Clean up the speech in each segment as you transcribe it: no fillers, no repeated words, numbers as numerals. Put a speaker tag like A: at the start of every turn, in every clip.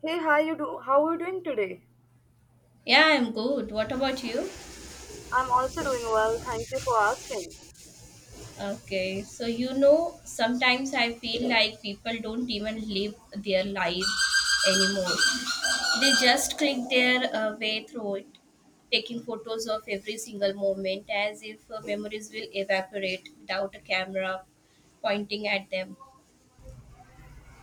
A: Hey, how you do? How are you doing today?
B: Yeah, I'm good. What about you?
A: I'm also doing well. Thank you for asking.
B: Okay, so sometimes I feel like people don't even live their lives anymore. They just click their way through it, taking photos of every single moment as if memories will evaporate without a camera pointing at them.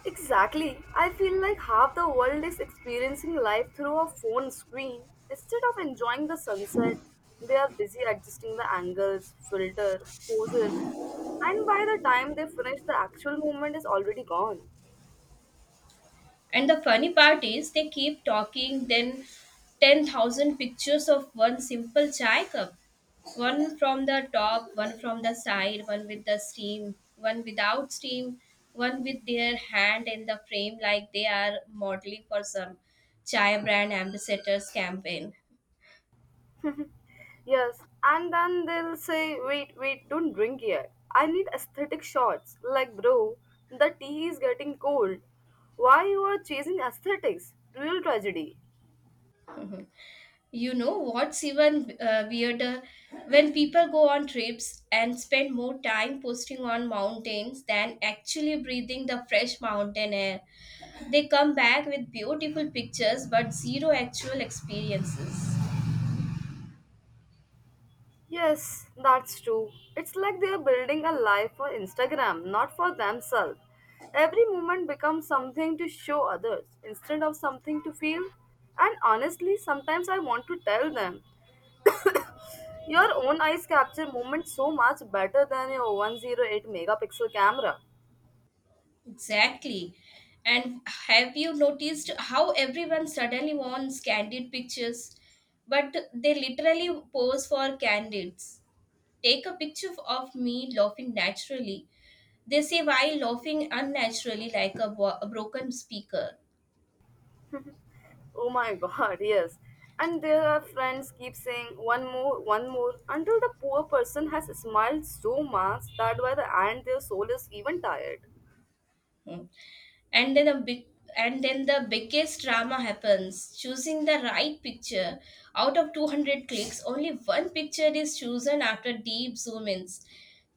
A: Exactly. I feel like half the world is experiencing life through a phone screen. Instead of enjoying the sunset, they are busy adjusting the angles, filter, poses, and by the time they finish, the actual moment is already gone.
B: And the funny part is, they keep talking, then 10,000 pictures of one simple chai cup. One from the top, one from the side, one with the steam, one without steam, one with their hand in the frame, like they are modeling for some chai brand ambassadors campaign.
A: Yes, and then they'll say, wait, wait, don't drink yet. I need aesthetic shots. Like, bro, the tea is getting cold. Why you are chasing aesthetics? Real tragedy.
B: You know what's even weirder? When people go on trips and spend more time posting on mountains than actually breathing the fresh mountain air, they come back with beautiful pictures but zero actual experiences.
A: Yes, that's true. It's like they're building a life for Instagram, not for themselves. Every moment becomes something to show others instead of something to feel. And honestly, sometimes I want to tell them your own eyes capture moments so much better than your 108 megapixel camera.
B: Exactly. And have you noticed how everyone suddenly wants candid pictures? But they literally pose for candids. Take a picture of me laughing naturally. They say, why laughing unnaturally like a broken speaker?
A: Oh my god, yes. And their friends keep saying one more, until the poor person has smiled so much that by the end their soul is even tired.
B: Hmm. and then a big and then the biggest drama happens, choosing the right picture out of 200 clicks. Only one picture is chosen after deep zoom ins,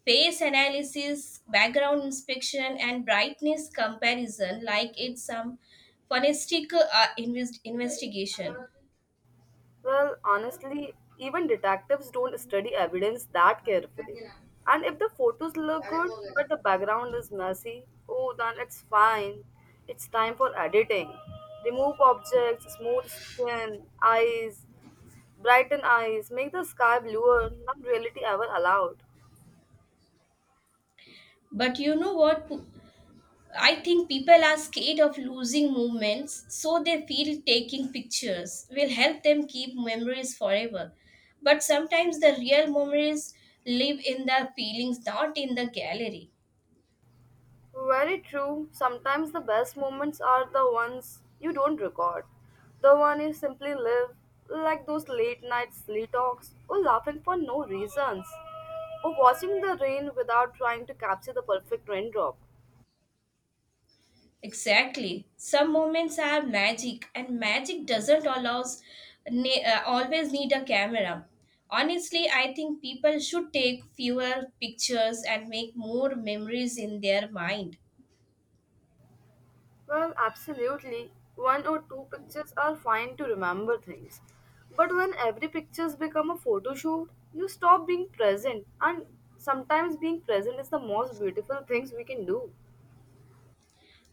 B: face analysis, background inspection, and brightness comparison, like it's some forensic investigation.
A: Well, honestly, even detectives don't study evidence that carefully. And if the photos look good but the background is messy, oh, then it's fine. It's time for editing. Remove objects, smooth skin, eyes, brighten eyes, make the sky bluer, not reality ever allowed.
B: But you know what? I think people are scared of losing movements, so they feel taking pictures will help them keep memories forever. But sometimes the real memories live in the feelings, not in the gallery.
A: Very true. Sometimes the best moments are the ones you don't record. The one you simply live, like those late night silly talks, or laughing for no reasons, or watching the rain without trying to capture the perfect raindrop.
B: Exactly. Some moments are magic, and magic doesn't allows always need a camera. Honestly, I think people should take fewer pictures and make more memories in their mind.
A: Well, absolutely. One or two pictures are fine to remember things. But when every pictures become a photo shoot, you stop being present and sometimes being present is the most beautiful things we can do.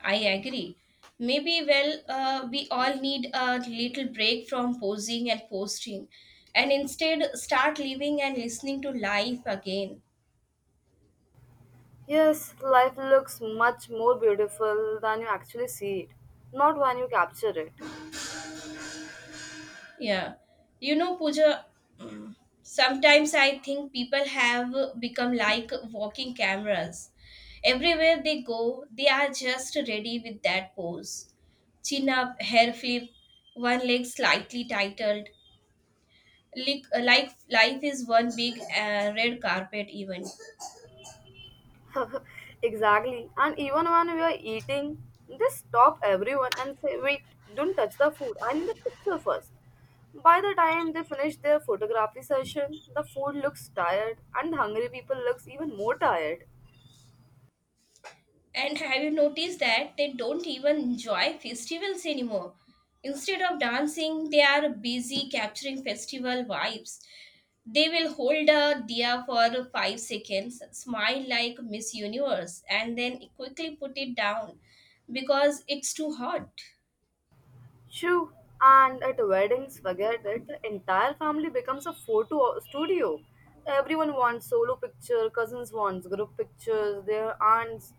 B: I agree. Maybe, well, we all need a little break from posing and posting, and instead start living and listening to life again.
A: Yes, life looks much more beautiful than you actually see it, not when you capture it.
B: Yeah. You know, Pooja, sometimes I think people have become like walking cameras. Everywhere they go, they are just ready with that pose. Chin up, hair flip, one leg slightly titled. Like life is one big red carpet event.
A: exactly. And even when we are eating, they stop everyone and say, wait, don't touch the food. I need a picture first. By the time they finish their photography session, the food looks tired and hungry people looks even more tired.
B: And have you noticed that they don't even enjoy festivals anymore? Instead of dancing, they are busy capturing festival vibes. They will hold a diya for 5 seconds, smile like Miss Universe, and then quickly put it down because it's too hot.
A: True, and at weddings, forget it, the entire family becomes a photo studio. Everyone wants solo picture, cousins wants group pictures, their aunts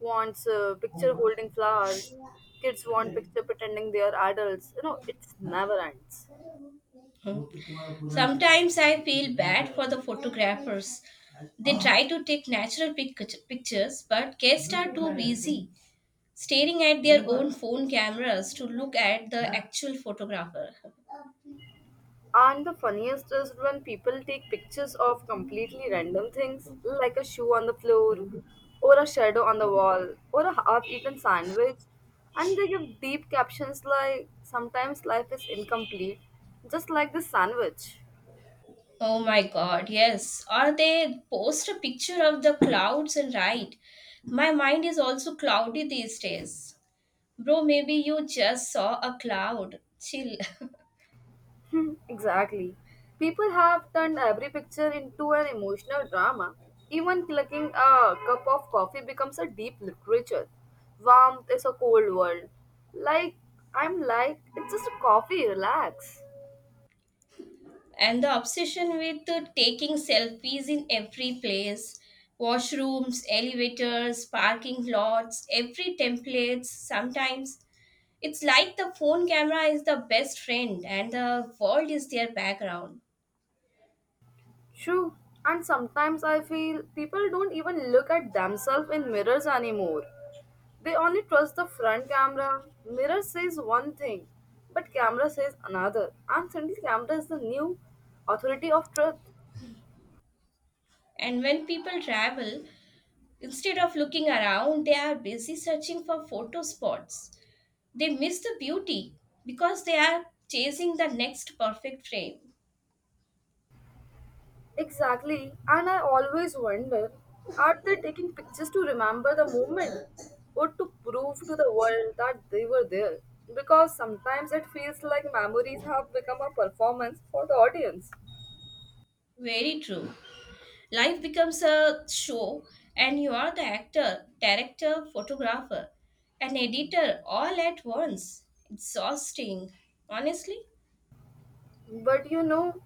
A: wants picture holding flowers, kids want picture pretending they are adults. You know, it's never ends.
B: Hmm. Sometimes I feel bad for the photographers. They try to take natural pictures, but guests are too busy staring at their own phone cameras to look at the actual photographer.
A: And the funniest is when people take pictures of completely random things, like a shoe on the floor, or a shadow on the wall, or a half eaten sandwich, and they give deep captions like, sometimes life is incomplete, just like this sandwich.
B: Oh my god, yes. Or they post a picture of the clouds and write, "My mind is also cloudy these days." Bro, maybe you just saw a cloud. Chill.
A: Hmm, exactly. People have turned every picture into an emotional drama. Even clucking a cup of coffee becomes a deep literature. Warmth is a cold world. Like, I'm like, it's just a coffee, relax.
B: And the obsession with taking selfies in every place: washrooms, elevators, parking lots, every templates, sometimes. It's like the phone camera is the best friend and the world is their background.
A: True. And sometimes I feel people don't even look at themselves in mirrors anymore. They only trust the front camera. Mirror says one thing, but camera says another. And suddenly, camera is the new authority of truth.
B: And when people travel, instead of looking around, they are busy searching for photo spots. They miss the beauty because they are chasing the next perfect frame.
A: Exactly. And I always wonder, are they taking pictures to remember the moment or to prove to the world that they were there? Because sometimes it feels like memories have become a performance for the audience.
B: Very true. Life becomes a show, and you are the actor, director, photographer, and editor all at once. Exhausting, honestly.
A: But you know,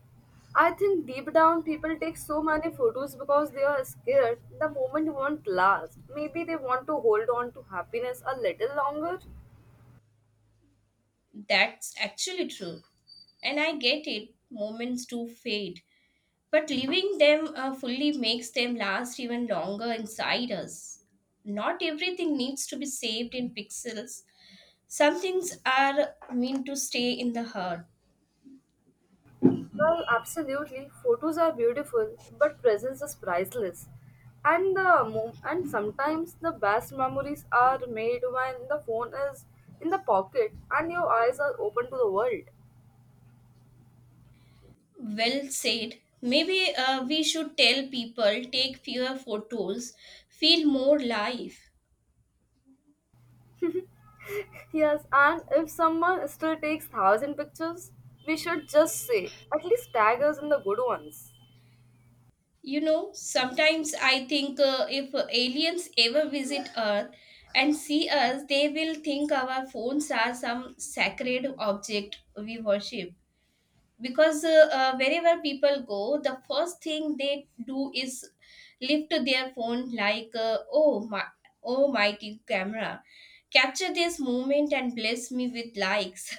A: I think deep down people take so many photos because they are scared the moment won't last. Maybe they want to hold on to happiness a little longer.
B: That's actually true. And I get it, moments do fade. But living them fully makes them last even longer inside us. Not everything needs to be saved in pixels. Some things are meant to stay in the heart.
A: Well, absolutely. Photos are beautiful, but presence is priceless. And the mo- and sometimes the best memories are made when the phone is in the pocket and your eyes are open to the world.
B: Well said. Maybe we should tell people take fewer photos, feel more life.
A: Yes, and if someone still takes thousand pictures, we should just say at least tag us in the good ones.
B: You know, sometimes I think if aliens ever visit Earth and see us, they will think our phones are some sacred object we worship. Because wherever people go, the first thing they do is lift their phone like, oh, my, oh, mighty camera. Capture this moment and bless me with likes.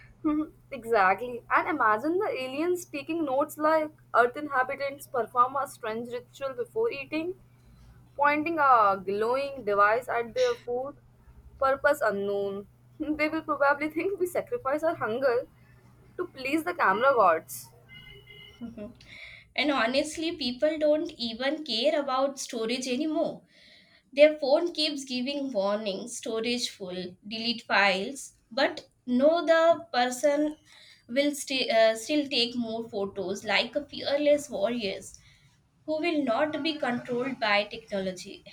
A: Mhm, exactly. And imagine the aliens taking notes like, Earth inhabitants perform a strange ritual before eating, pointing a glowing device at their food, purpose unknown. They will probably think we sacrifice our hunger to please the camera gods.
B: And honestly, people don't even care about storage anymore. Their phone keeps giving warnings, storage full, delete files, but no, the person will still take more photos like a fearless warriors who will not be controlled by technology.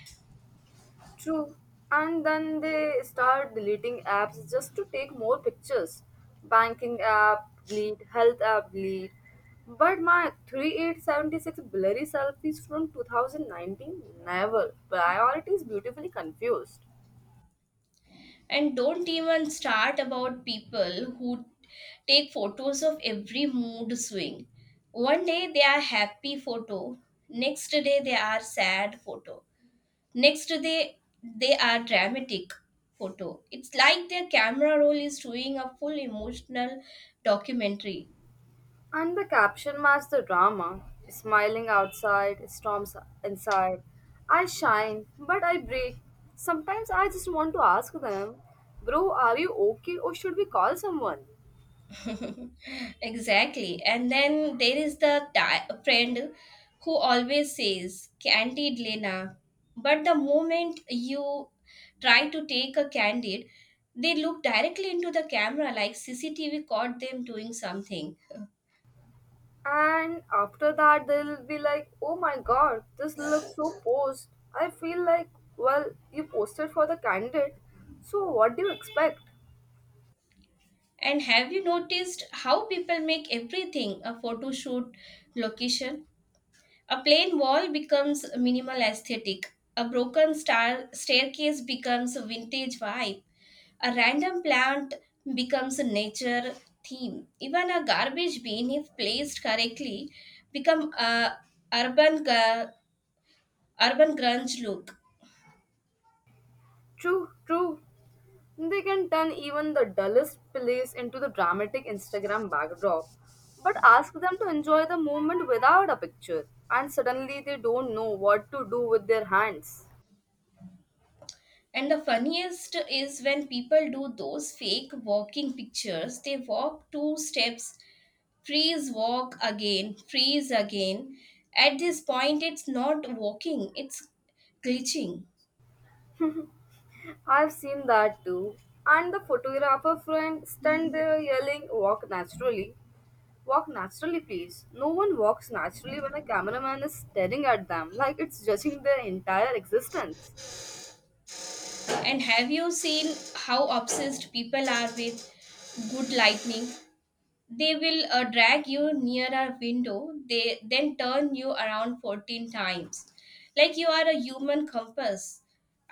A: True. And then they start deleting apps just to take more pictures. Banking app delete, health app delete. But my 3876 blurry selfies from 2019, never. Priorities beautifully confused.
B: And don't even start about people who take photos of every mood swing. One day they are happy photo, next day they are sad photo. Next, they are dramatic photo. It's like their camera roll is doing a full emotional documentary.
A: And the caption matched the drama. Smiling outside, storms inside. I shine, but I break. Sometimes I just want to ask them, bro, are you okay or should we call someone?
B: Exactly. And then there is the friend who always says, "Candid Lena." But the moment you try to take a candid, they look directly into the camera like CCTV caught them doing something.
A: And after that, they'll be like, oh my god, this looks so posed. I feel like, well, you posted for the candidate, so what do you expect?
B: And have you noticed how people make everything a photo shoot location? A plain wall becomes minimal aesthetic. A broken star staircase becomes a vintage vibe. A random plant becomes a nature theme. Even a garbage bin, if placed correctly, become a urban gu- urban grunge look.
A: True, true. They can turn even the dullest place into the dramatic Instagram backdrop. But ask them to enjoy the moment without a picture, and suddenly they don't know what to do with their hands.
B: And the funniest is when people do those fake walking pictures. They walk two steps, freeze, walk again, freeze again. At this point, it's not walking, it's glitching.
A: I've seen that too. And the photographer friend stand there yelling, walk naturally. Walk naturally, please. No one walks naturally when a cameraman is staring at them like it's judging their entire existence.
B: And have you seen how obsessed people are with good lightning? They will drag you near a window, they then turn you around 14 times like you are a human compass,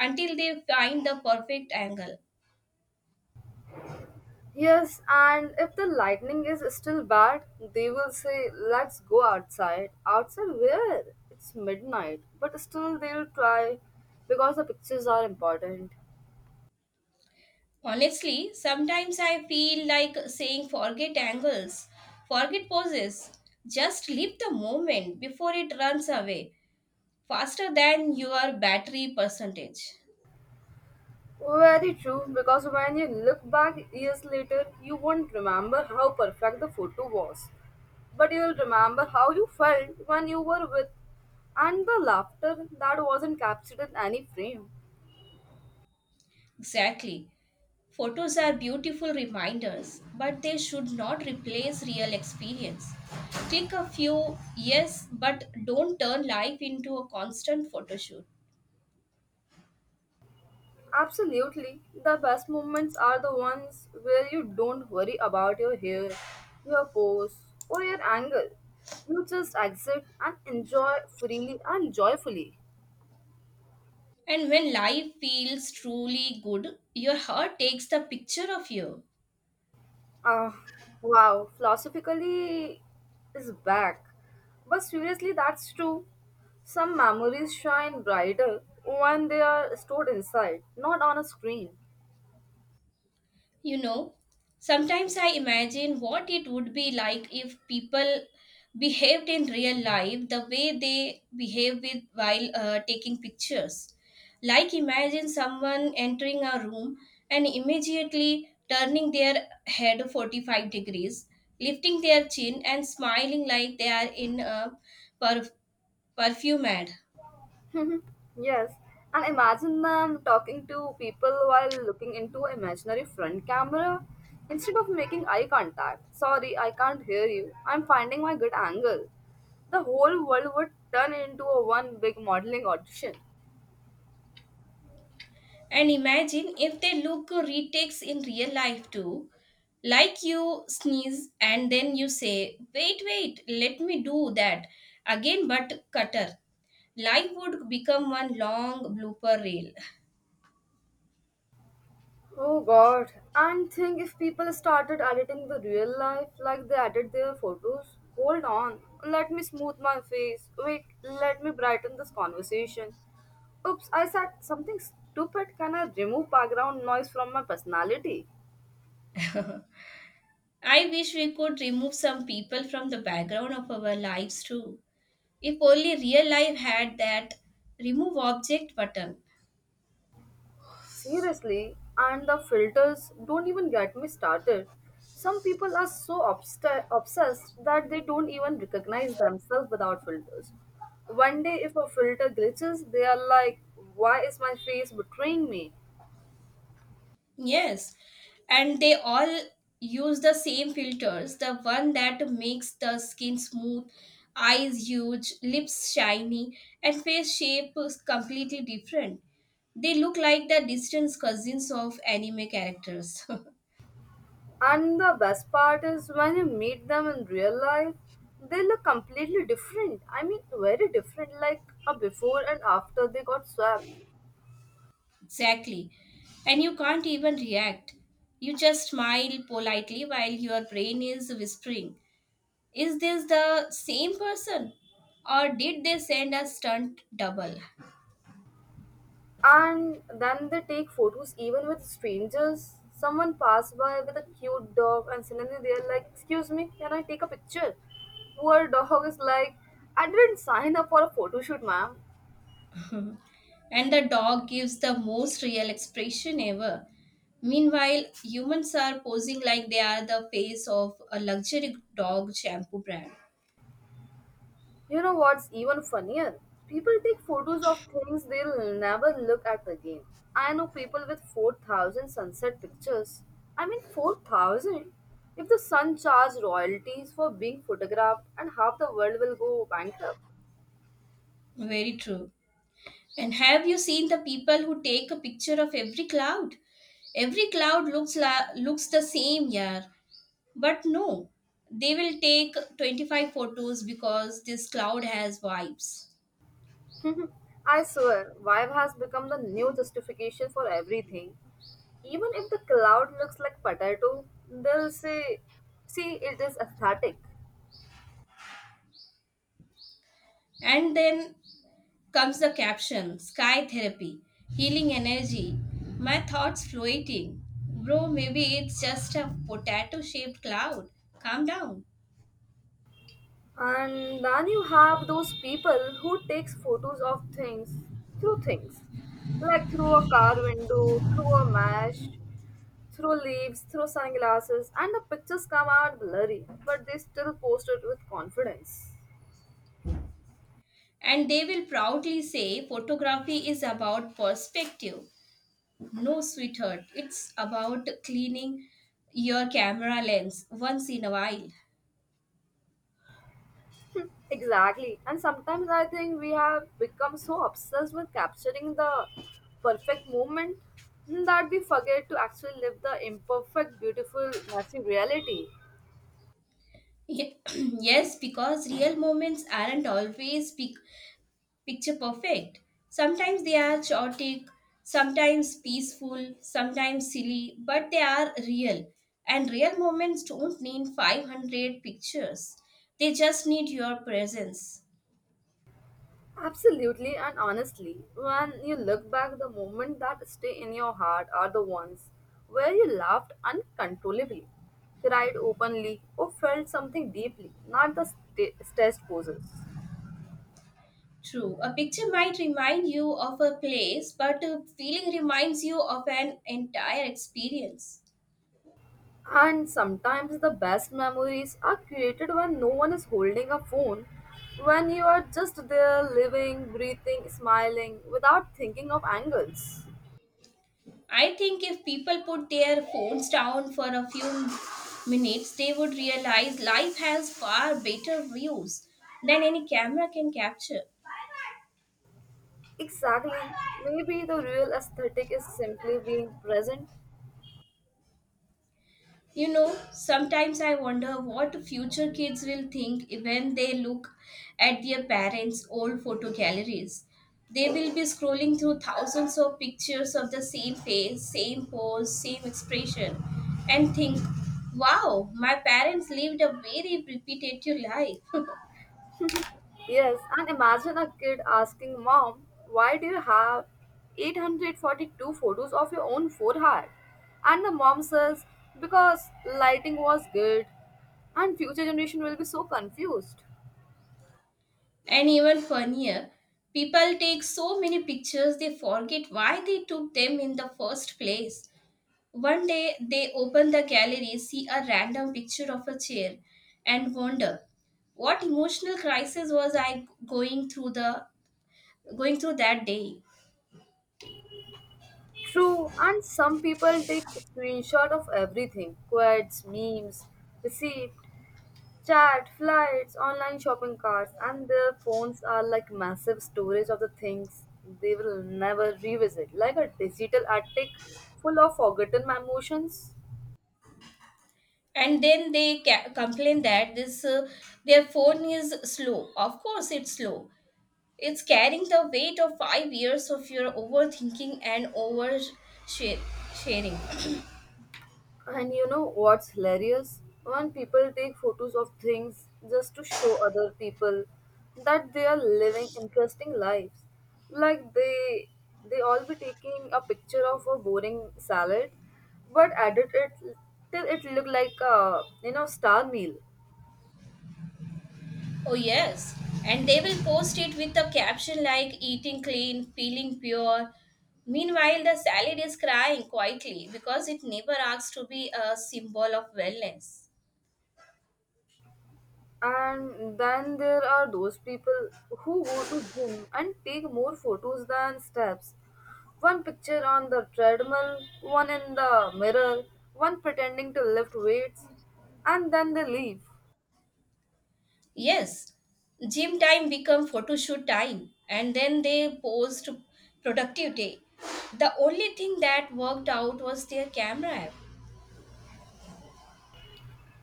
B: until they find the perfect angle.
A: Yes, and if the lightning is still bad, they will say, let's go outside. Outside where? It's midnight. But still, they'll try because the pictures are important.
B: Honestly, sometimes I feel like saying forget angles, forget poses, just leave the moment before it runs away faster than your battery percentage.
A: Very true, because when you look back years later, you won't remember how perfect the photo was, but you'll remember how you felt when you were with and the laughter that wasn't captured in any frame.
B: Exactly. Photos are beautiful reminders, but they should not replace real experience. Take a few, yes, but don't turn life into a constant photo shoot.
A: Absolutely, the best moments are the ones where you don't worry about your hair, your pose, or your angle. You just exist and enjoy freely and joyfully.
B: And when life feels truly good, your heart takes the picture of you.
A: Uh, wow, philosophically is back. But seriously, that's true. Some memories shine brighter when they are stored inside, not on a screen.
B: You know, sometimes I imagine what it would be like if people behaved in real life the way they behave with while taking pictures. Like imagine someone entering a room and immediately turning their head 45 degrees, lifting their chin and smiling like they are in a perf- perfume ad.
A: Yes, and imagine them talking to people while looking into imaginary front camera instead of making eye contact. Sorry, I can't hear you. I'm finding my good angle. The whole world would turn into a one big modeling audition.
B: And imagine if they look retakes in real life too. Like you sneeze and then you say, wait, wait, let me do that again, but cutter. Life would become one long blooper reel.
A: Oh god, and think if people started editing the real life like they edit their photos. Hold on, let me smooth my face. Wait, let me brighten this conversation. Oops, I said something stupid. Can I remove background noise from my personality?
B: I wish we could remove some people from the background of our lives too. If only real life had that remove object button.
A: Seriously, and the filters don't even get me started. Some people are so obsessed that they don't even recognize themselves without filters. One day, if a filter glitches, they are like, why is my face betraying me?
B: Yes, and they all use the same filters, the one that makes the skin smooth, eyes huge, lips shiny, and face shape is completely different. They look like the distant cousins of anime characters.
A: And the best part is when you meet them in real life, they look completely different. I mean, very different, like a before and after they got swapped.
B: Exactly. And you can't even react. You just smile politely while your brain is whispering, "Is this the same person? Or did they send a stunt double?"
A: And then they take photos even with strangers. Someone passed by with a cute dog, and suddenly they're like, "Excuse me, can I take a picture?" Poor dog is like, "I didn't sign up for a photo shoot, ma'am."
B: And the dog gives the most real expression ever. Meanwhile, humans are posing like they are the face of a luxury dog shampoo brand.
A: You know what's even funnier? People take photos of things they'll never look at again. I know people with 4,000 sunset pictures. I mean, 4,000. If the sun charged royalties for being photographed, and half the world will go bankrupt.
B: Very true. And have you seen the people who take a picture of every cloud? Every cloud looks the same, yeah. But no, they will take 25 photos because this cloud has vibes.
A: I swear, vibe has become the new justification for everything. Even if the cloud looks like potato, they'll say, see, it is aesthetic.
B: And then comes the caption, "Sky Therapy, Healing Energy. My thoughts floating." Bro, maybe it's just a potato shaped cloud. Calm down.
A: And then you have those people who takes photos of things through things, like through a car window, through a mesh, through leaves, through sunglasses, and the pictures come out blurry, but they still post it with confidence.
B: And they will proudly say photography is about perspective. No, sweetheart, it's about cleaning your camera lens once in a while.
A: Exactly. And sometimes I think we have become so obsessed with capturing the perfect moment that we forget to actually live the imperfect, beautiful, messy reality.
B: Ye- Yes, because real moments aren't always big picture perfect. Sometimes they are chaotic, sometimes peaceful, sometimes silly, but they are real. And real moments don't need 500 pictures, they just need your presence.
A: Absolutely, and honestly, when you look back, the moments that stay in your heart are the ones where you laughed uncontrollably, cried openly, or felt something deeply, not the stressed poses.
B: True, a picture might remind you of a place, but a feeling reminds you of an entire experience.
A: And sometimes the best memories are created when no one is holding a phone, when you are just there living, breathing, smiling without thinking of angles.
B: I think if people put their phones down for a few minutes, they would realize life has far better views than any camera can capture.
A: Exactly. Maybe the real aesthetic is simply being present.
B: You know, sometimes I wonder what future kids will think when they look at their parents' old photo galleries. They will be scrolling through thousands of pictures of the same face, same pose, same expression, and think, wow, my parents lived a very repetitive life.
A: Yes, and imagine a kid asking mom, why do you have 842 photos of your own forehead? And the mom says, because lighting was good, and future generation will be so confused.
B: And even funnier, people take so many pictures they forget why they took them in the first place. One day they open the gallery, see a random picture of a chair, and wonder, what emotional crisis was I going through the going through that day.
A: True, and some people take screenshot of everything, quotes, memes, receipt, chat, flights, online shopping carts, and their phones are like massive storage of the things they will never revisit, like a digital attic full of forgotten emotions.
B: And then they complain that this their phone is slow. Of course, it's slow. It's carrying the weight of 5 years of your overthinking and over sharing.
A: And you know what's hilarious? When people take photos of things just to show other people that they are living interesting lives. Like, they all be taking a picture of a boring salad but edit it till it look like a you know star meal.
B: Oh, yes. And they will post it with a caption like eating clean, feeling pure. Meanwhile, the salad is crying quietly because it never asks to be a symbol of wellness.
A: And then there are those people who go to gym and take more photos than steps. One picture on the treadmill, one in the mirror, one pretending to lift weights, and then they leave.
B: Yes, gym time become photo shoot time, and then they post productive day. The only thing that worked out was their camera app.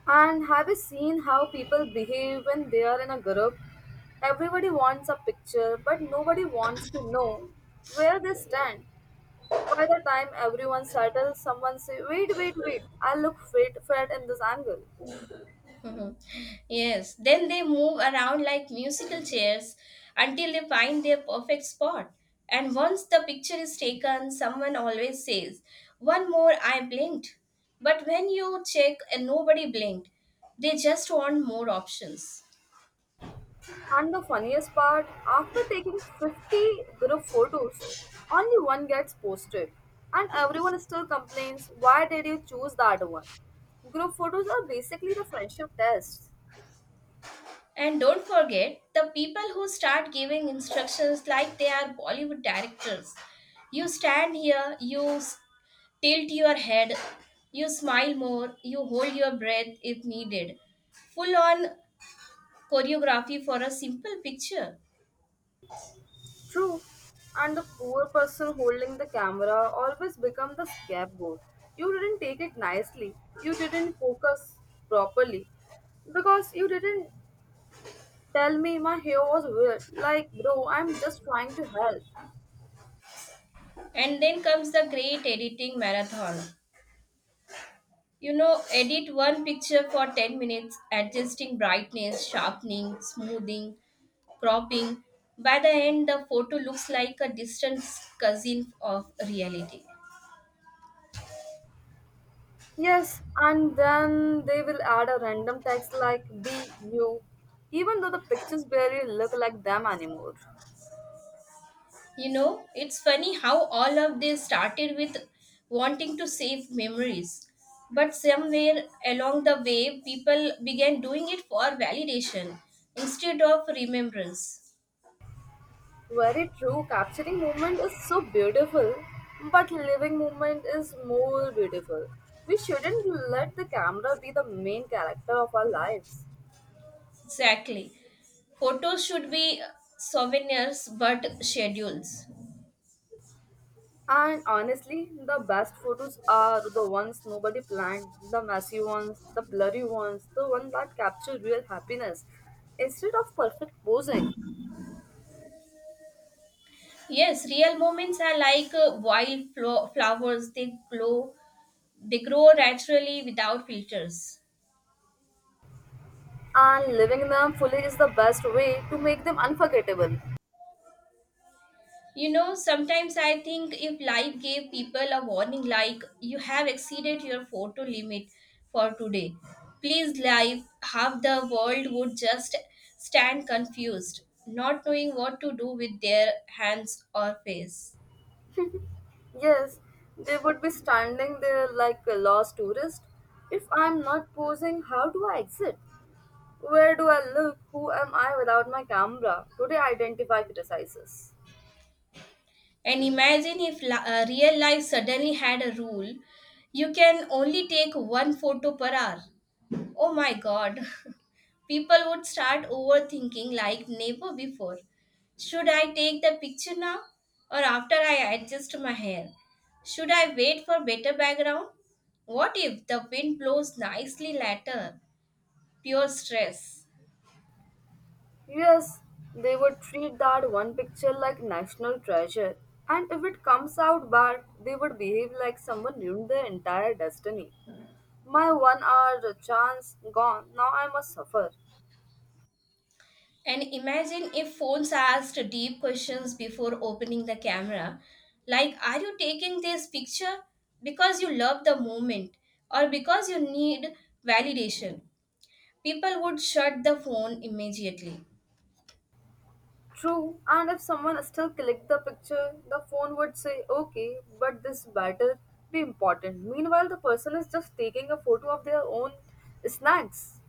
A: And have you seen how people behave when they are in a group? Everybody wants a picture, but nobody wants to know where they stand. By the time everyone settles, someone say, "Wait, wait, wait! I look fit, fat in this angle."
B: Mhm. Yes, then they move around like musical chairs until they find their perfect spot. And once the picture is taken, someone always says, "One more, I blinked." But when you check and nobody blinked, they just want more options.
A: And the funniest part, after taking 50 group photos, only one gets posted. And everyone still complains, why did you choose that one? Group photos are basically the friendship tests.
B: And don't forget the people who start giving instructions like they are Bollywood directors. You stand here, you tilt your head, you smile more, you hold your breath if needed. Full on choreography for a simple picture.
A: True. And the poor person holding the camera always become the scapegoat. You didn't take it nicely. You didn't focus properly. Because you didn't tell me my hair was weird. Like, bro, I'm just trying to help.
B: And then comes the great editing marathon. You know, edit one picture for 10 minutes, adjusting brightness, sharpening, smoothing, cropping. By the end, the photo looks like a distant cousin of reality.
A: Yes, and then they will add a random text like be you, even though the pictures barely look like them anymore.
B: You know, it's funny how all of this started with wanting to save memories. But somewhere along the way, people began doing it for validation instead of remembrance.
A: Very true, capturing movement is so beautiful, but living movement is more beautiful. We shouldn't let the camera be the main character of our lives.
B: Exactly. Photos should be souvenirs but schedules.
A: And honestly, the best photos are the ones nobody planned, the messy ones, the blurry ones, the ones that capture real happiness instead of perfect posing.
B: Yes, real moments are like wild flowers, they glow, they grow naturally without filters.
A: And living them fully is the best way to make them unforgettable.
B: You know, sometimes I think if life gave people a warning like, you have exceeded your photo limit for today, please, life, half the world would just stand confused, not knowing what to do with their hands or face.
A: Yes, they would be standing there like a lost tourist. If I'm not posing, how do I exit? Where do I look? Who am I without my camera? Do they identify criticizes?
B: And imagine if real life suddenly had a rule: you can only take one photo per hour. Oh my god. People would start overthinking like never before. Should I take the picture now, or after I adjust my hair? Should I wait for better background? What if the wind blows nicely later? Pure stress.
A: Yes, they would treat that one picture like national treasure. And if it comes out bad, they would behave like someone ruined their entire destiny. My 1 hour chance gone, now I must suffer.
B: And imagine if phones asked deep questions before opening the camera, like are you taking this picture because you love the moment, or because you need validation? People would shut the phone immediately.
A: True, and if someone still clicked the picture, the phone would say, okay, but this better be important. Meanwhile, the person is just taking a photo of their own snacks.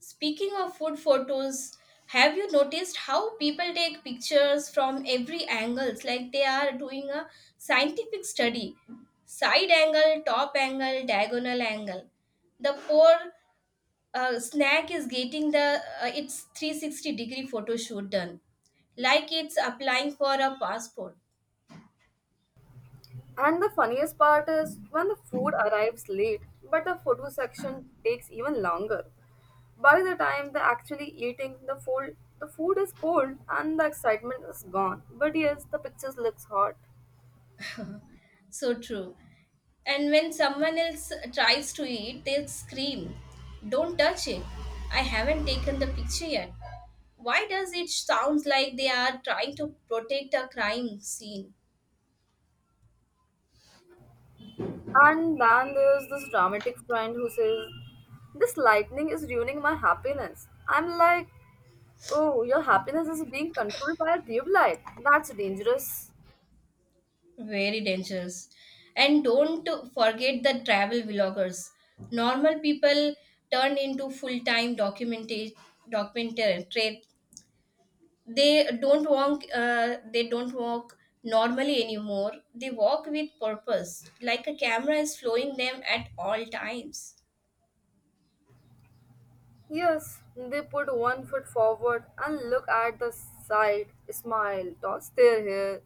B: Speaking of food photos, have you noticed how people take pictures from every angle? It's like they are doing a scientific study. Side angle, top angle, diagonal angle. The poor snack is getting the its 360 degree photo shoot done, like it's applying for a passport.
A: And the funniest part is when the food arrives late, but the photo section takes even longer. By the time they're actually eating, the food is cold and the excitement is gone. But yes, the pictures looks hot.
B: So true. And when someone else tries to eat, they'll scream, "Don't touch it. I haven't taken the picture yet." Why does it sound like they are trying to protect a crime scene?
A: And then there's this dramatic friend who says, this lightning is ruining my happiness. I'm like, oh, your happiness is being controlled by a tube light. That's dangerous.
B: Very dangerous. And don't forget the travel vloggers. Normal people turn into full-time documentation documentary. They don't walk normally anymore, they walk with purpose like a camera is following them at all times.
A: Yes, they put one foot forward and look at the side, smile, toss their hair,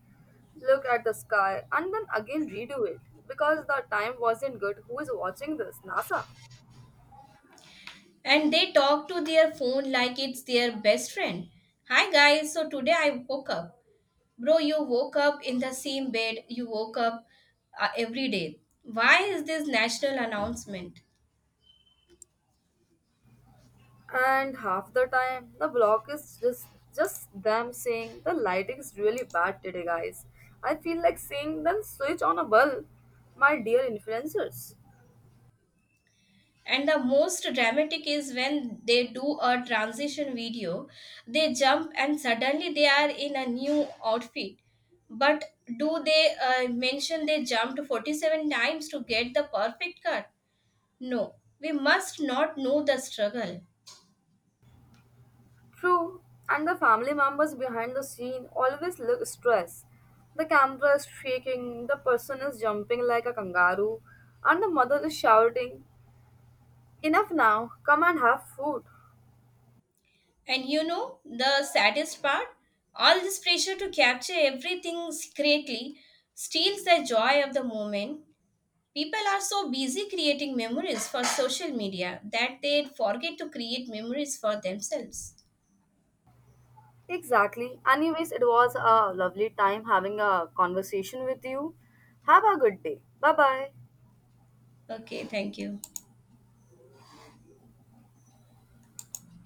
A: look at the sky, and then again redo it. Because the time wasn't good. Who is watching this? NASA.
B: And they talk to their phone like it's their best friend. Hi guys, so today I woke up. Bro, you woke up in the same bed you woke up every day. Why is this national announcement?
A: And half the time the block is just them saying the lighting is really bad today, guys. I feel like seeing them switch on a bulb, my dear influencers.
B: And the most dramatic is when they do a transition video. They jump and suddenly they are in a new outfit. But do they mention they jumped 47 times to get the perfect cut? No, we must not know the struggle.
A: True, and the family members behind the scene always look stressed. The camera is shaking, the person is jumping like a kangaroo, and the mother is shouting, enough now, come and have food.
B: And you know the saddest part? All this pressure to capture everything discreetly steals the joy of the moment. People are so busy creating memories for social media that they forget to create memories for themselves.
A: Exactly. Anyways, it was a lovely time having a conversation with you. Have a good day. Bye bye.
B: Okay, thank you.